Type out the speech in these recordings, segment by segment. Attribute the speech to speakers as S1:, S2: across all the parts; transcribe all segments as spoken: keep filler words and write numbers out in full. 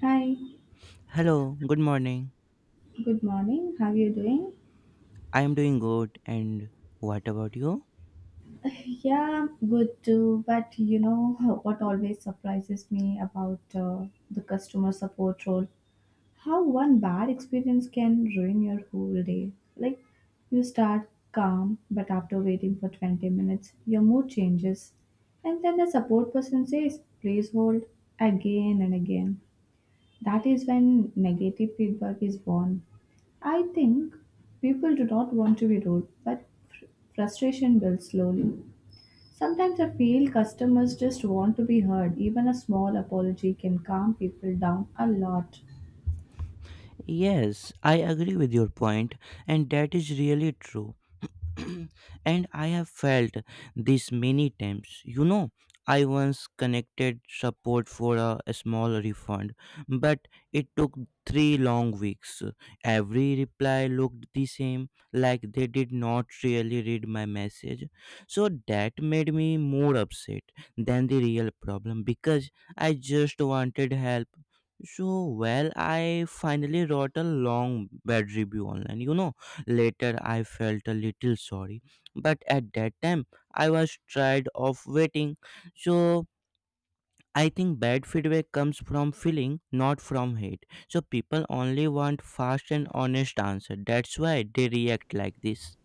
S1: Hi,
S2: Hello, good morning.
S1: good morning. How are you doing?
S2: I am doing good, and what about you?
S1: Yeah, good too. But you know what always surprises me about uh, the customer support role? How one bad experience can ruin your whole day. Like, you start calm, but after waiting for twenty minutes, your mood changes. And then the support person says, please hold again and again. That is when negative feedback is born. I think people do not want to be rude, but fr- frustration builds slowly. Sometimes I feel customers just want to be heard. Even a small apology can calm people down a lot.
S2: Yes, I agree with your point, and that is really true. And I have felt this many times. You know, I once connected support for a, a small refund, but it took three long weeks. Every reply looked the same, like they did not really read my message. So that made me more upset than the real problem because I just wanted help so, well, I finally wrote a long bad review online. You know, later I felt a little sorry, but at that time I was tired of waiting. So, I think bad feedback comes from feeling, not from hate. So, people only want fast and honest answer. That's why they react like this.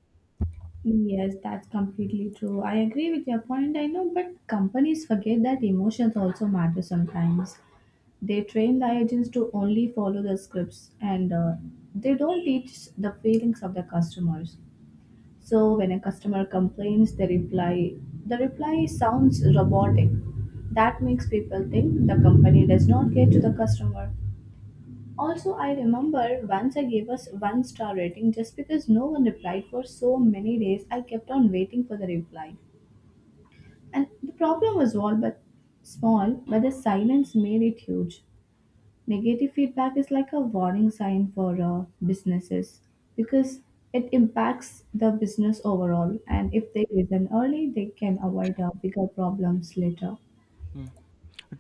S1: Yes, that's completely true. I agree with your point, I know, but companies forget that emotions also matter sometimes. They train the agents to only follow the scripts and uh, they don't teach the feelings of the customers. So when a customer complains, the reply the reply sounds robotic. That makes people think the company does not care to the customer. Also, I remember once I gave us one star rating just because no one replied for so many days. I kept on waiting for the reply, and the problem was all but small, but the silence made it huge. Negative feedback is like a warning sign for uh, businesses because it impacts the business overall. And if they listen early, they can avoid uh, bigger problems later.
S2: Mm,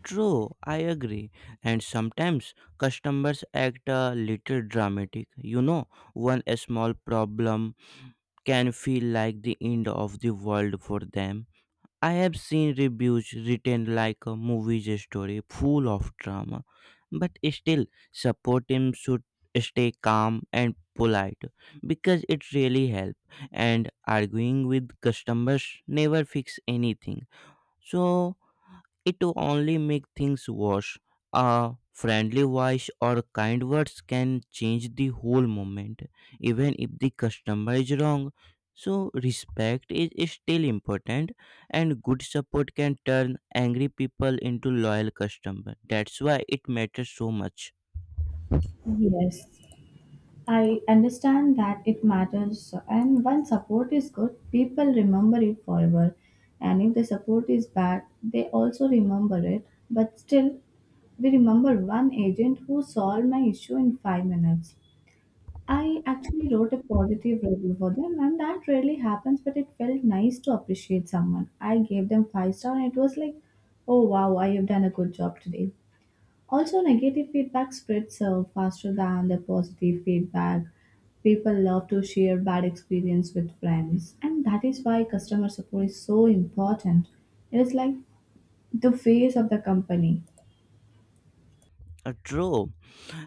S2: true, I agree. And sometimes customers act a little dramatic. You know, one small problem can feel like the end of the world for them. I have seen reviews written like a movie story, full of drama, but still, support team should stay calm and polite because it really helps. And arguing with customers never fix anything. So it will only make things worse. A friendly voice or kind words can change the whole moment, even if the customer is wrong. So respect is still important, and good support can turn angry people into loyal customers. That's why it matters so much.
S1: Yes, I understand that it matters, and when support is good, people remember it forever. And if the support is bad, they also remember it. But still, we remember one agent who solved my issue in five minutes. I actually wrote a positive review for them, and that rarely happens, but it felt nice to appreciate someone. I gave them five star, and it was like, oh wow, I have done a good job today. Also, negative feedback spreads uh, faster than the positive feedback. People love to share bad experience with friends, and that is why customer support is so important. It is like the face of the company.
S2: Uh, True.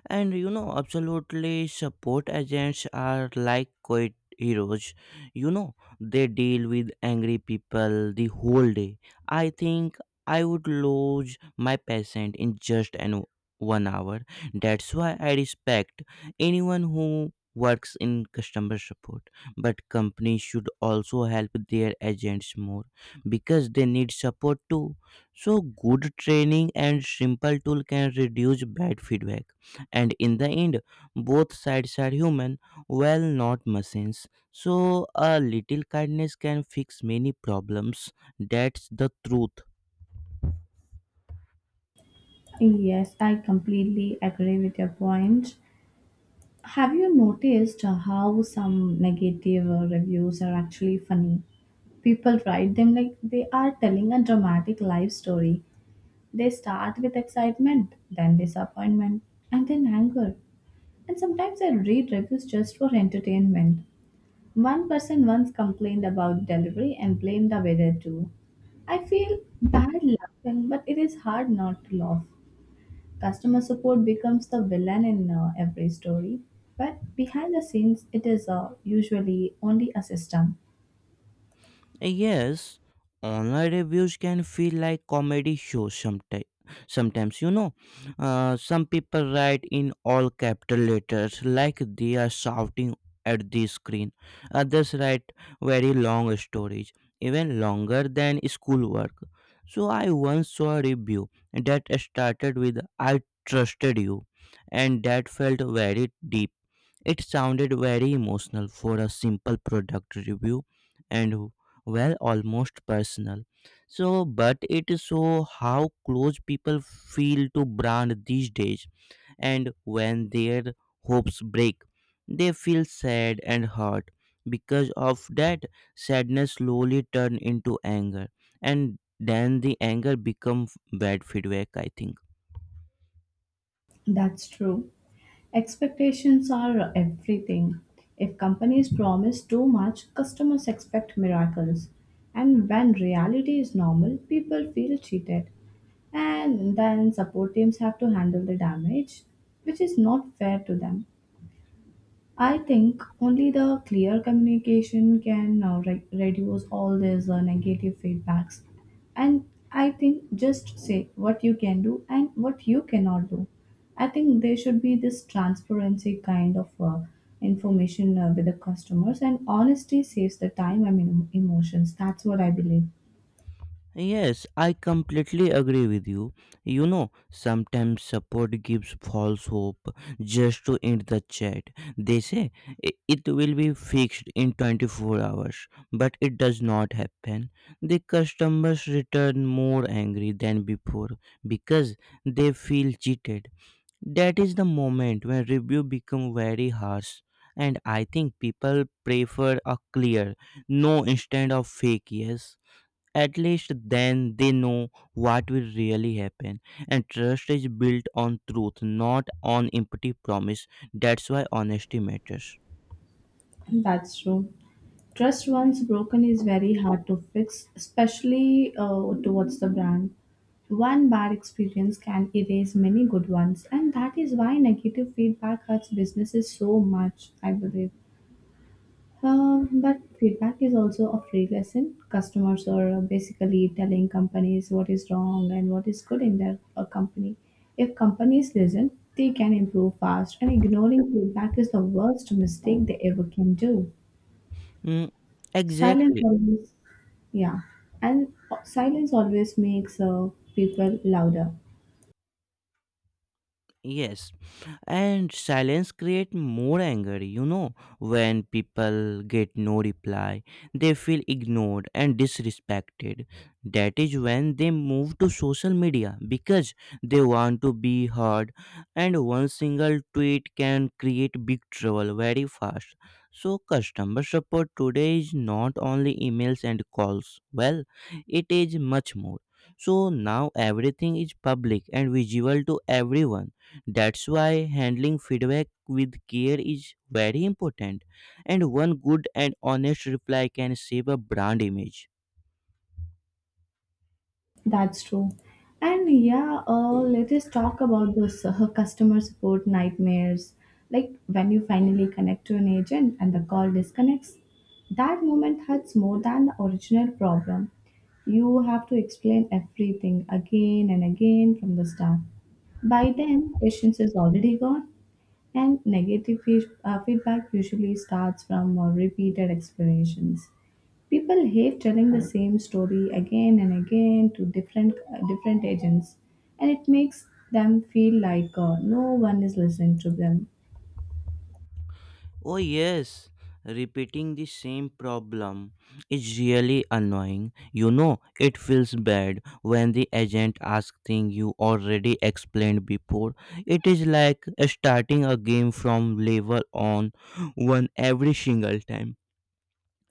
S2: And you know absolutely support agents are like quiet heroes. You know, they deal with angry people the whole day. I think I would lose my patient in just an one hour. That's why I respect anyone who works in customer support, but companies should also help their agents more because they need support too. So good training and simple tool can reduce bad feedback, and in the end both sides are human, well, not machines. So a little kindness can fix many problems. That's the truth.
S1: Yes, I completely agree with your point. Have you noticed uh, how some negative uh, reviews are actually funny? People write them like they are telling a dramatic life story. They start with excitement, then disappointment, and then anger. And sometimes I read reviews just for entertainment. One person once complained about delivery and blamed the weather too. I feel bad laughing, but it is hard not to laugh. Customer support becomes the villain in uh, every story, but behind the scenes, it is uh, usually only a system.
S2: Yes, online reviews can feel like comedy shows sometimes. Sometimes, you know, uh, some people write in all capital letters like they are shouting at the screen. Others write very long stories, even longer than schoolwork. So, I once saw a review that started with I trusted you, and that felt very deep. It sounded very emotional for a simple product review and, well, almost personal. So, but it show how close people feel to brand these days, and when their hopes break, they feel sad and hurt. Because of that, sadness slowly turn into anger, and then the anger become bad feedback. I think.
S1: That's true. Expectations are everything. If companies promise too much, customers expect miracles. And when reality is normal, people feel cheated. And then support teams have to handle the damage, which is not fair to them. I think only the clear communication can uh, re- reduce all these uh, negative feedbacks. And I think just say what you can do and what you cannot do. I think there should be this transparency kind of uh, information uh, with the customers, and honesty saves the time and emo- emotions. That's what I believe.
S2: Yes, I completely agree with you. You know, sometimes support gives false hope just to end the chat. They say, "I- it will be fixed in twenty-four hours, but it does not happen. The customers return more angry than before because they feel cheated. That is the moment when review become very harsh. And I think people prefer a clear no instead of fake yes. At least then they know what will really happen. And trust is built on truth, not on empty promise. That's why honesty matters.
S1: That's true. Trust once broken is very hard to fix, especially uh, towards the brand. One bad experience can erase many good ones, and that is why negative feedback hurts businesses so much, I believe. Um, but feedback is also a free lesson. Customers are basically telling companies what is wrong and what is good in their uh, company. If companies listen, they can improve fast, and ignoring feedback is the worst mistake they ever can do.
S2: Mm,
S1: Silence
S2: exactly.
S1: always, yeah, and silence always makes uh, people louder.
S2: Yes. And silence create more anger. You know, when people get no reply they feel ignored and disrespected. That is when they move to social media because they want to be heard, and one single tweet can create big trouble very fast. So customer support today is not only emails and calls, well, it is much more. So now everything is public and visible to everyone. That's why handling feedback with care is very important, and one good and honest reply can save a brand image.
S1: That's true. And yeah, uh, let us talk about this uh, customer support nightmares. Like when you finally connect to an agent and the call disconnects, that moment hurts more than the original problem. You have to explain everything again and again from the start. By then, patience is already gone. And negative fe- uh, feedback usually starts from uh, repeated explanations. People hate telling the same story again and again to different uh, different agents, and it makes them feel like uh, no one is listening to them.
S2: Oh, yes, repeating the same problem is really annoying. You know, it feels bad when the agent asks things you already explained before. It is like starting a game from level on one every single time.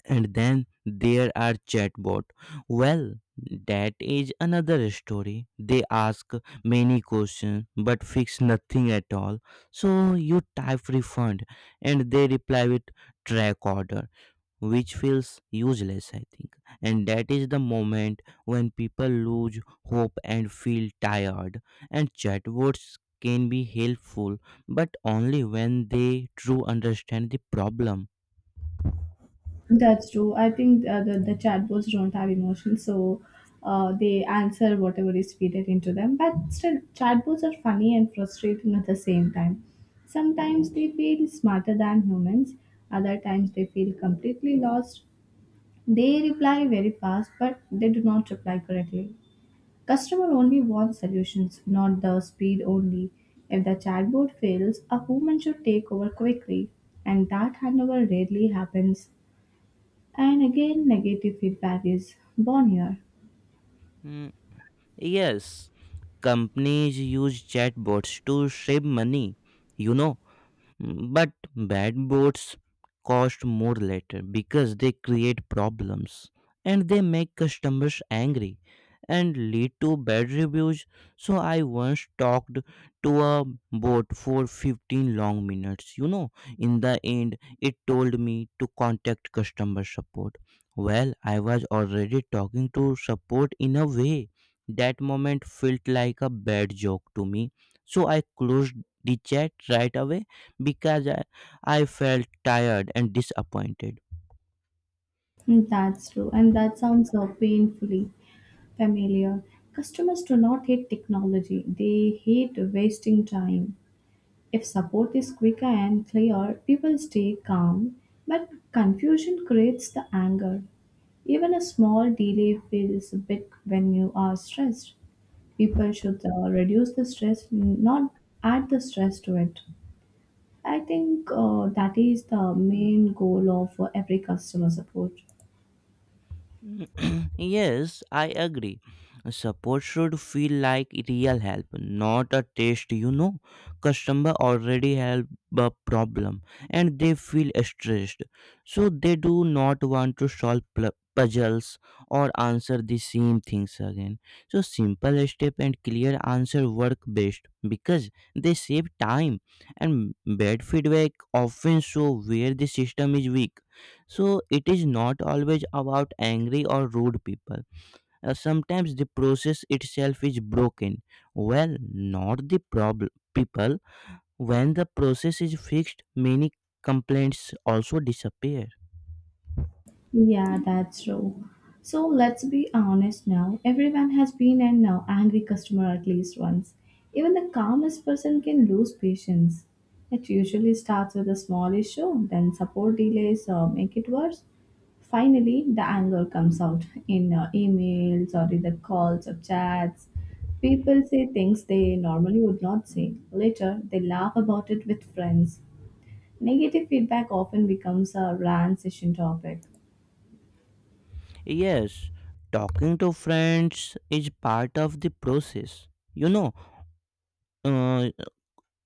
S2: And then there are chatbot, well, that is another story. They ask many questions but fix nothing at all. So you type refund and they reply with track order, which feels useless I think. And that is the moment when people lose hope and feel tired. And chatbots can be helpful, but only when they true understand the problem.
S1: That's true. I think uh, the, the chatbots don't have emotions, so uh, they answer whatever is fed into them. But still, chatbots are funny and frustrating at the same time. Sometimes they feel smarter than humans, other times they feel completely lost. They reply very fast, but they do not reply correctly. Customer only wants solutions, not the speed only. If the chatbot fails, a human should take over quickly, and that handover rarely happens. And again, negative feedback is born here.
S2: Mm, yes. Companies use chatbots to save money. You know, mm, but bad boards cost more later because they create problems and they make customers angry and lead to bad reviews. So I once talked to a board for fifteen long minutes. You know, in the end, it told me to contact customer support. Well, I was already talking to support in a way. That moment felt like a bad joke to me. So I closed the chat right away because I, I felt tired and disappointed.
S1: Mm, that's true, and that sounds so painfully familiar. Customers do not hate technology, they hate wasting time. If support is quicker and clear, people stay calm, but confusion creates the anger. Even a small delay feels big when you are stressed. People should uh, reduce the stress, not add the stress to it. I think uh, that is the main goal of uh, every customer support.
S2: Yes, I agree. Support should feel like real help, not a test. You know, customer already have a problem and they feel stressed, so they do not want to solve pl- puzzles or answer the same things again. So simple step and clear answer work best because they save time, and bad feedback often show where the system is weak. So it is not always about angry or rude people. Uh, sometimes the process itself is broken. Well, not the problem people. When the process is fixed, many complaints also disappear.
S1: Yeah, that's true. So let's be honest now. Everyone has been an uh, angry customer at least once. Even the calmest person can lose patience. It usually starts with a small issue, then support delays uh, make it worse. Finally, the anger comes out in uh, emails or in the calls or chats. People say things they normally would not say. Later, they laugh about it with friends. Negative feedback often becomes a rant session topic.
S2: Yes, talking to friends is part of the process. You know, uh,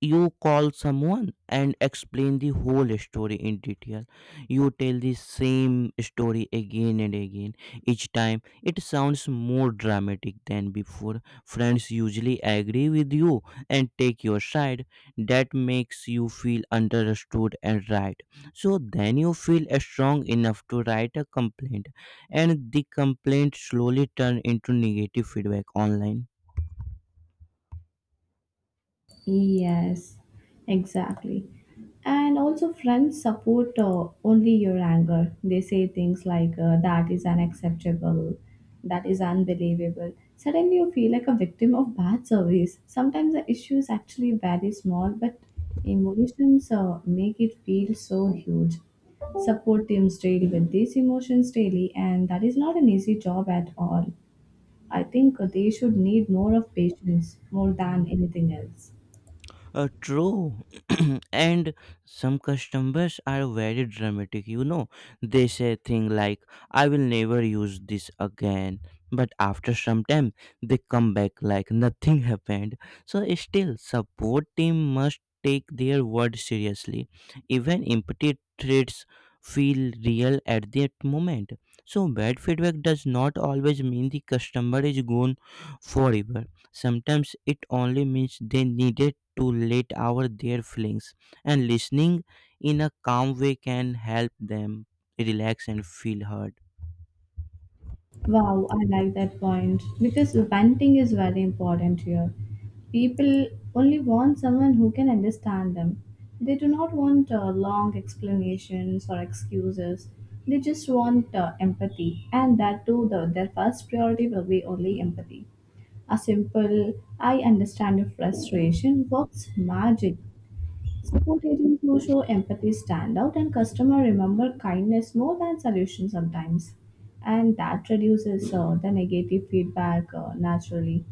S2: you call someone and explain the whole story in detail. You tell the same story again and again. Each time it sounds more dramatic than before. Friends usually agree with you and take your side. That makes you feel understood and right. So then you feel strong enough to write a complaint, and the complaint slowly turn into negative feedback online.
S1: Yes, exactly. And also, friends support uh, only your anger. They say things like, uh, that is unacceptable, that is unbelievable. Suddenly, you feel like a victim of bad service. Sometimes the issue is actually very small, but emotions uh, make it feel so huge. Support teams deal with these emotions daily, and that is not an easy job at all. I think they should need more of patience more than anything else.
S2: Uh, true, and some customers are very dramatic. You know, they say things like, "I will never use this again," but after some time, they come back like nothing happened. So, still, support team must take their word seriously. Even empty threats feel real at that moment. So, bad feedback does not always mean the customer is gone forever. Sometimes it only means they needed to let out their feelings, and listening in a calm way can help them relax and feel heard.
S1: Wow, I like that point because venting is very important here. People only want someone who can understand them. They do not want uh, long explanations or excuses. They just want uh, empathy, and that too, the, their first priority will be only empathy. A simple, I understand your frustration works magic. Support agents who show empathy stand out, and customer remember kindness more than solution sometimes, and that reduces uh, the negative feedback uh, naturally.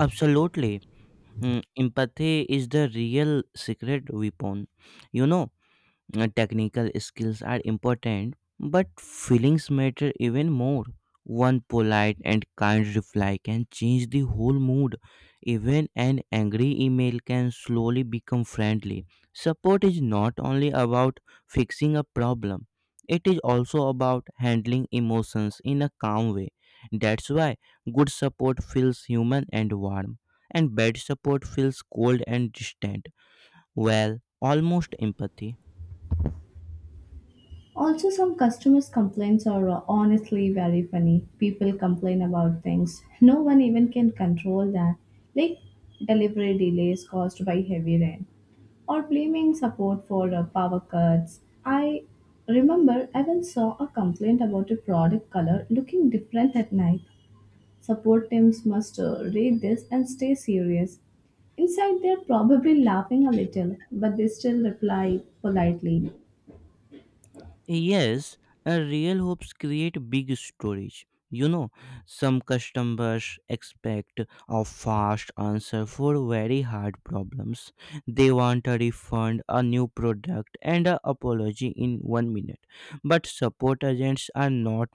S2: Absolutely. Mm, empathy is the real secret weapon. You know, Uh, technical skills are important, but feelings matter even more. One polite and kind reply can change the whole mood. Even an angry email can slowly become friendly. Support is not only about fixing a problem, it is also about handling emotions in a calm way. That's why good support feels human and warm, and bad support feels cold and distant. Well, almost empathy.
S1: Also, some customers' complaints are uh, honestly very funny. People complain about things no one even can control that, like delivery delays caused by heavy rain or blaming support for uh, power cuts. I remember I once saw a complaint about a product color looking different at night. Support teams must uh, read this and stay serious. Inside, they're probably laughing a little, but they still reply politely.
S2: Yes, a real hopes create big storage. You know, some customers expect a fast answer for very hard problems. They want a refund, a new product, and an apology in one minute. But support agents are not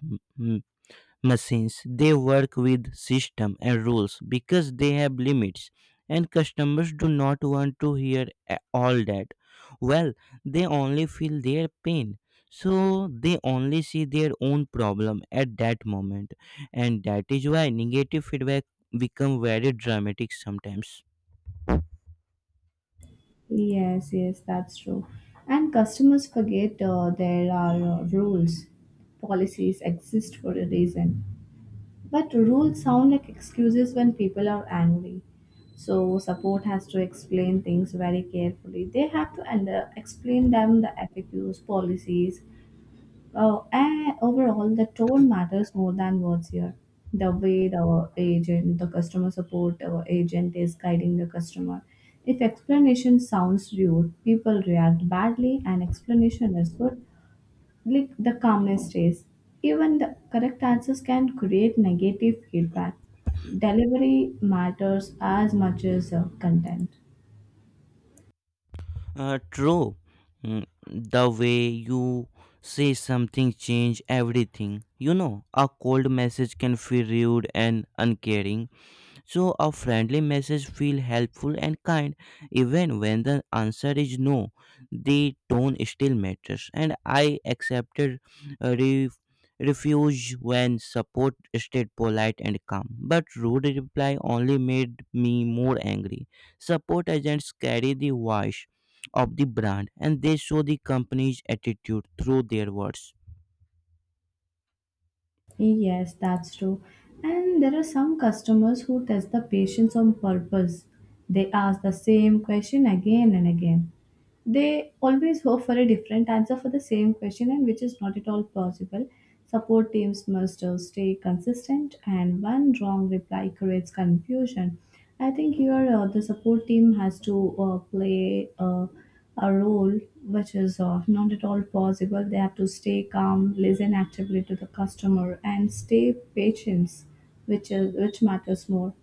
S2: machines. They work with system and rules because they have limits, and customers do not want to hear a- all that. Well, they only feel their pain. So they only see their own problem at that moment, and that is why negative feedback become very dramatic sometimes.
S1: Yes, yes, that's true. And customers forget uh, there are uh, rules. Policies exist for a reason. But rules sound like excuses when people are angry. So, support has to explain things very carefully. They have to under- explain them the F A Qs, policies. Oh, and overall, the tone matters more than words here. The way the agent, the customer support uh, agent is guiding the customer. If explanation sounds rude, people react badly, and explanation is good, like the calmness stays. Even the correct answers can create negative feedback. Delivery matters as much as uh, content.
S2: Uh, true. Mm, the way you say something change everything. You know, a cold message can feel rude and uncaring. So a friendly message feels helpful and kind, even when the answer is no. The tone still matters, and I accepted a re- refuse when support stayed polite and calm. But rude reply only made me more angry. Support agents carry the voice of the brand, and they show the company's attitude through their words.
S1: Yes, that's true. And there are some customers who test the patience on purpose. They ask the same question again and again, they always hope for a different answer for the same question and which is not at all plausible. Support teams must uh, stay consistent and one wrong reply creates confusion. I think here uh, the support team has to uh, play uh, a role which is uh, not at all possible. They have to stay calm, listen actively to the customer and stay patient, which is which matters more.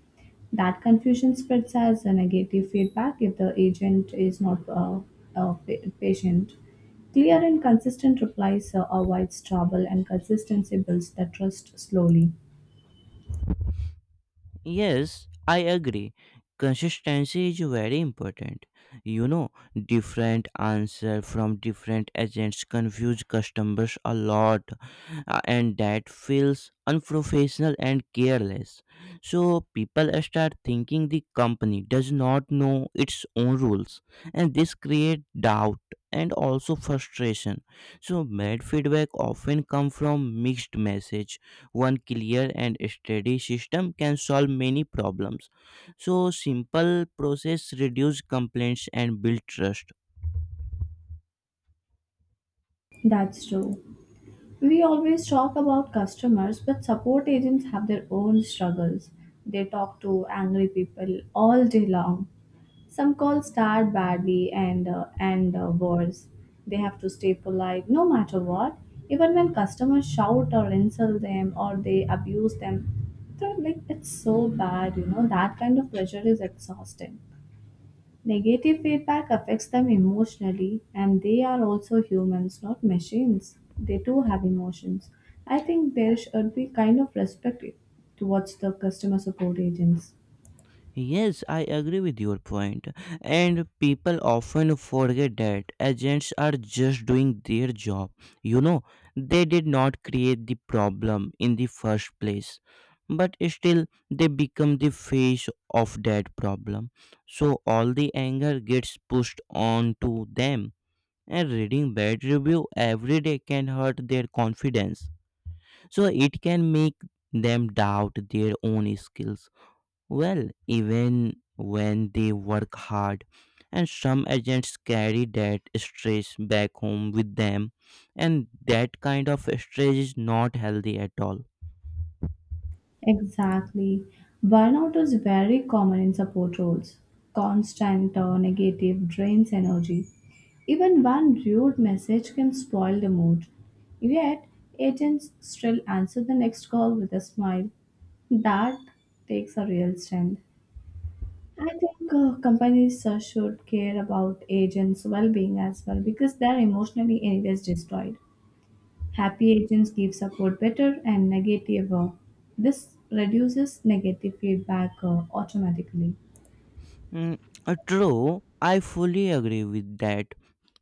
S1: That confusion spreads as a negative feedback if the agent is not uh, uh, pa- patient. Clear and consistent replies uh, avoids trouble, and consistency builds the trust slowly.
S2: Yes, I agree. Consistency is very important. You know, different answer from different agents confuse customers a lot, uh, and that feels unprofessional and careless. So people start thinking the company does not know its own rules, and this create doubt and also frustration. So bad feedback often come from mixed message. One clear and steady system can solve many problems. So simple process reduce complaints and build trust.
S1: That's true. We always talk about customers, but support agents have their own struggles. They talk to angry people all day long. Some calls start badly and uh, end uh, worse. They have to stay polite no matter what, even when customers shout or insult them or they abuse them. So, like it's so bad, you know. That kind of pressure is exhausting. Negative feedback affects them emotionally, and they are also humans, not machines. They too have emotions. I think there should be kind of respect towards the customer support agents.
S2: Yes, I agree with your point point. And people often forget that agents are just doing their job. You know, they did not create the problem in the first place, but still, they become the face of that problem. So all the anger gets pushed on to them, and reading bad review every day can hurt their confidence. So it can make them doubt their own skills, well, even when they work hard. And some agents carry that stress back home with them, and that kind of stress is not healthy at all.
S1: Exactly. Burnout is very common in support roles. Constant uh, negative drains energy. Even one rude message can spoil the mood. Yet, agents still answer the next call with a smile. That takes a real stand. I think uh, companies uh, should care about agents' well being as well because they're emotionally, anyways, destroyed. Happy agents give support better and negative. Uh, this reduces negative feedback uh, automatically.
S2: Mm, uh, true, I fully agree with that.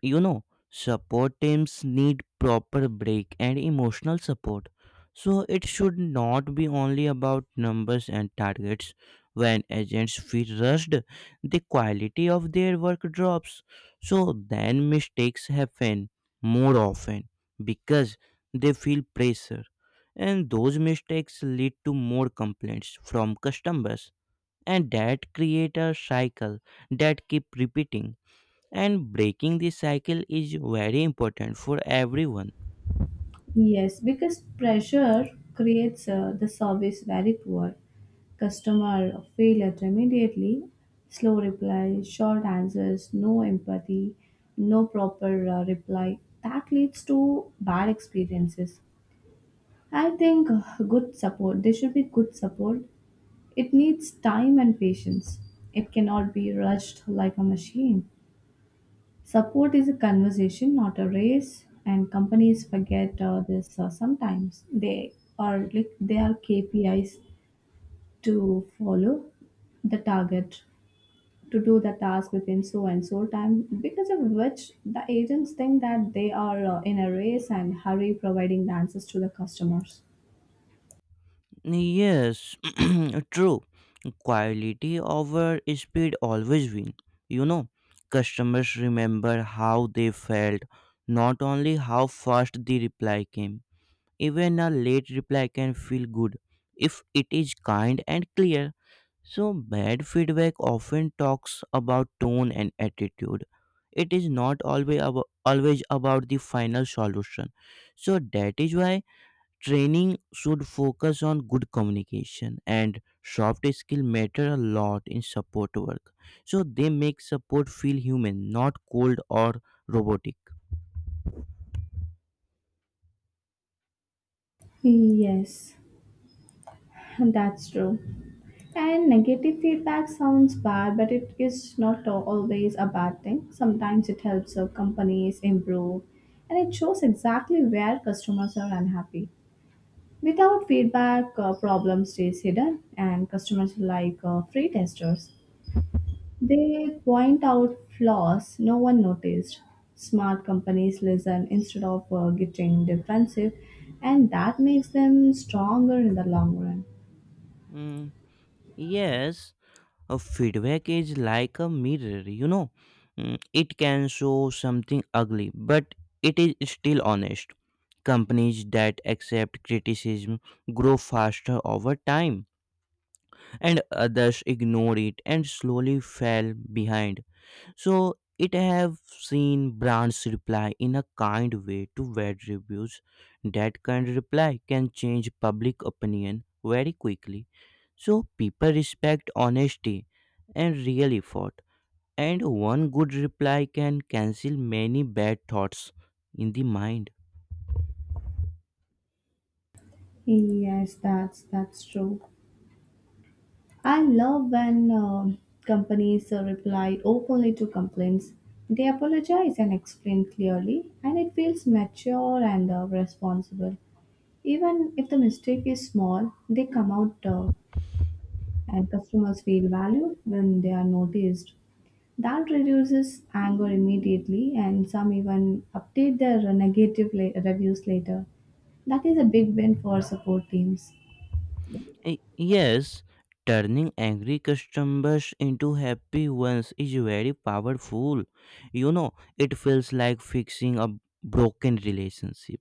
S2: You know, support teams need proper break and emotional support. So it should not be only about numbers and targets. When agents feel rushed, the quality of their work drops. So then mistakes happen more often because they feel pressure. And those mistakes lead to more complaints from customers, and that create a cycle that keep repeating. And breaking this cycle is very important for everyone.
S1: Yes, because pressure creates uh, the service very poor. Customer feel immediately. Slow replies, short answers, no empathy, no proper uh, reply. That leads to bad experiences. I think uh, good support, there should be good support. It needs time and patience. It cannot be rushed like a machine. Support is a conversation, not a race, and companies forget uh, this uh, sometimes. They are like they are K P Is to follow the target to do the task within so and so time, because of which the agents think that they are uh, in a race and hurry providing the answers to the customers.
S2: Yes, true. Quality over speed always win. You know, customers remember how they felt, not only how fast the reply came. Even a late reply can feel good if it is kind and clear. So, bad feedback often talks about tone and attitude. It is not always about, always about the final solution. So, that is why training should focus on good communication, and soft skill matter a lot in support work. So, they make support feel human, not cold or robotic.
S1: Yes. That's true. And negative feedback sounds bad, but it is not al- always a bad thing. Sometimes it helps uh, companies improve, and it shows exactly where customers are unhappy. Without feedback, uh, problem stays hidden, and customers are like uh, free testers. They point out flaws no one noticed. Smart companies listen instead of uh, getting defensive, and that makes them stronger in the long run.
S2: Mm, yes. A feedback is like a mirror, you know. Mm, it can show something ugly, but it is still honest. Companies that accept criticism grow faster over time, and others ignore it and slowly fall behind. So it have seen brands reply in a kind way to bad reviews. That kind reply can change public opinion very quickly. So people respect honesty and real effort. And one good reply can cancel many bad thoughts in the mind.
S1: Yes, that's that's true. I love when um companies uh, reply openly to complaints. They apologize and explain clearly, and it feels mature and uh, responsible. Even if the mistake is small, they come out uh, and customers feel valued when they are noticed. That reduces anger immediately, and some even update their negative la- reviews later. That is a big win for support teams.
S2: Y- Yes, turning angry customers into happy ones is very powerful. You know, it feels like fixing a broken relationship.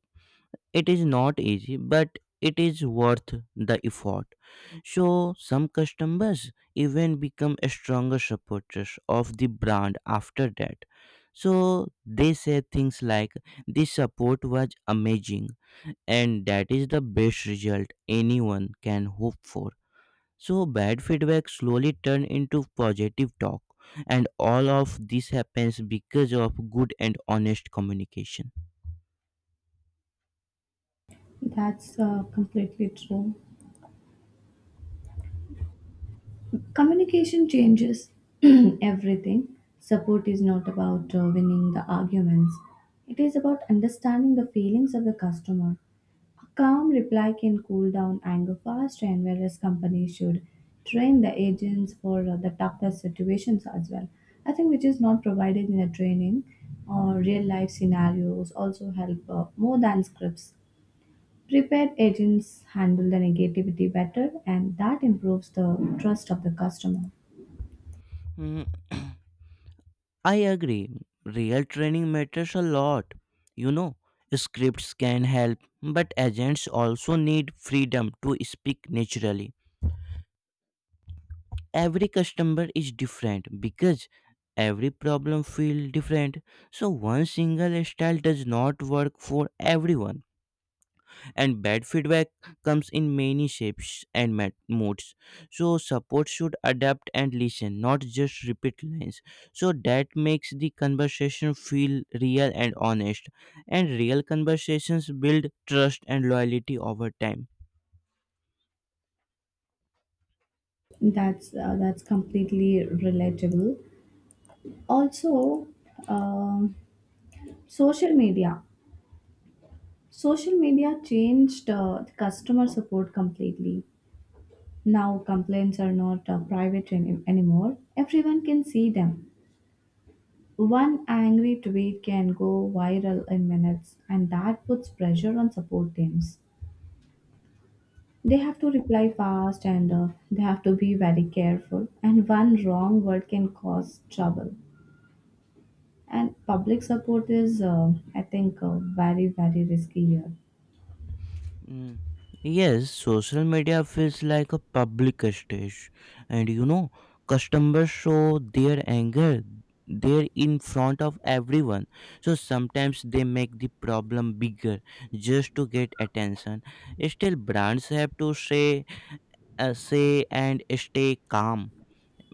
S2: It is not easy, but it is worth the effort. So some customers even become stronger supporters of the brand after that. So they say things like this support was amazing, and that is the best result anyone can hope for. So bad feedback slowly turn into positive talk, and all of this happens because of good and honest communication.
S1: That's uh, completely true. Communication changes everything. Support is not about uh, winning the arguments, it is about understanding the feelings of the customer. A calm reply can cool down anger fast, and whereas companies should train the agents for uh, the toughest situations as well. I think which is not provided in a training or real life scenarios also help uh, more than scripts. Prepaid agents handle the negativity better, and that improves the trust of the customer.
S2: Mm, I agree. Real training matters a lot. You know, scripts can help, but agents also need freedom to speak naturally. Every customer is different because every problem feels different. So, one single style does not work for everyone, and bad feedback comes in many shapes and mat- modes. So support should adapt and listen, not just repeat lines. So that makes the conversation feel real and honest, and real conversations build trust and loyalty over time.
S1: That's uh, that's completely relatable. Also, um social media. Social media changed uh, the customer support completely. Now complaints are not uh, private any- anymore. Everyone can see them. One angry tweet can go viral in minutes, and that puts pressure on support teams. They have to reply fast, and uh, they have to be very careful. And one wrong word can cause trouble. And public support is, uh, I think, uh, very, very risky here.
S2: Mm. Yes, social media feels like a public stage, and you know, customers show their anger there in front of everyone. So sometimes they make the problem bigger just to get attention. Still, brands have to say, uh, say, and stay calm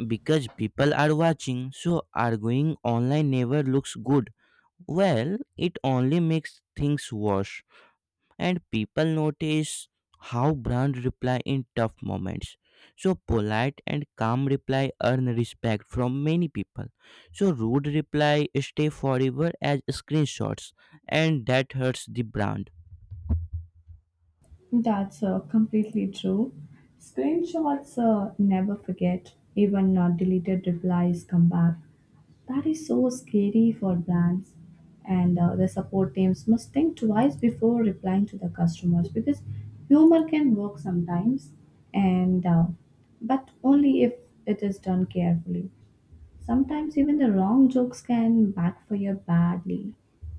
S2: because people are watching. So arguing online never looks good. Well, it only makes things worse, and people notice how brand reply in tough moments. So polite and calm reply earn respect from many people. So rude reply stay forever as screenshots, and that hurts the brand.
S1: That's uh, completely true. Screenshots uh, never forget, even uh, deleted replies come back. That is so scary for brands, and uh, the support teams must think twice before replying to the customers, because humor can work sometimes, and uh, but only if it is done carefully. Sometimes even the wrong jokes can backfire badly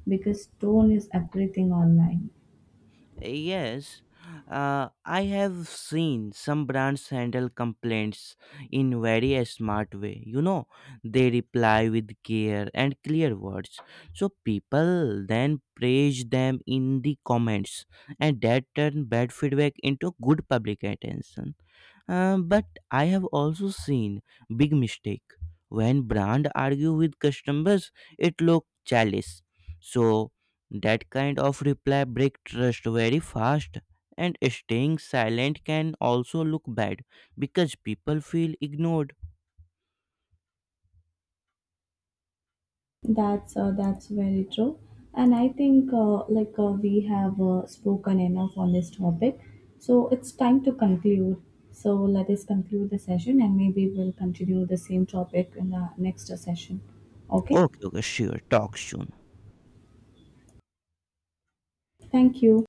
S1: because tone is everything online.
S2: Yes, uh, I have seen some brands handle complaints in very smart way. You know, they reply with care and clear words. So people then praise them in the comments, and that turn bad feedback into good public attention. Uh, but I have also seen big mistake when brand argue with customers. It look childish. So that kind of reply break trust very fast, and staying silent can also look bad because people feel ignored.
S1: That's uh, that's very true, and I think uh, like uh, we have uh, spoken enough on this topic, so it's time to conclude. So let us conclude the session, and maybe we'll continue the same topic in the next uh, session. Okay,
S2: Okay, okay, sure. Talk soon.
S1: thank you.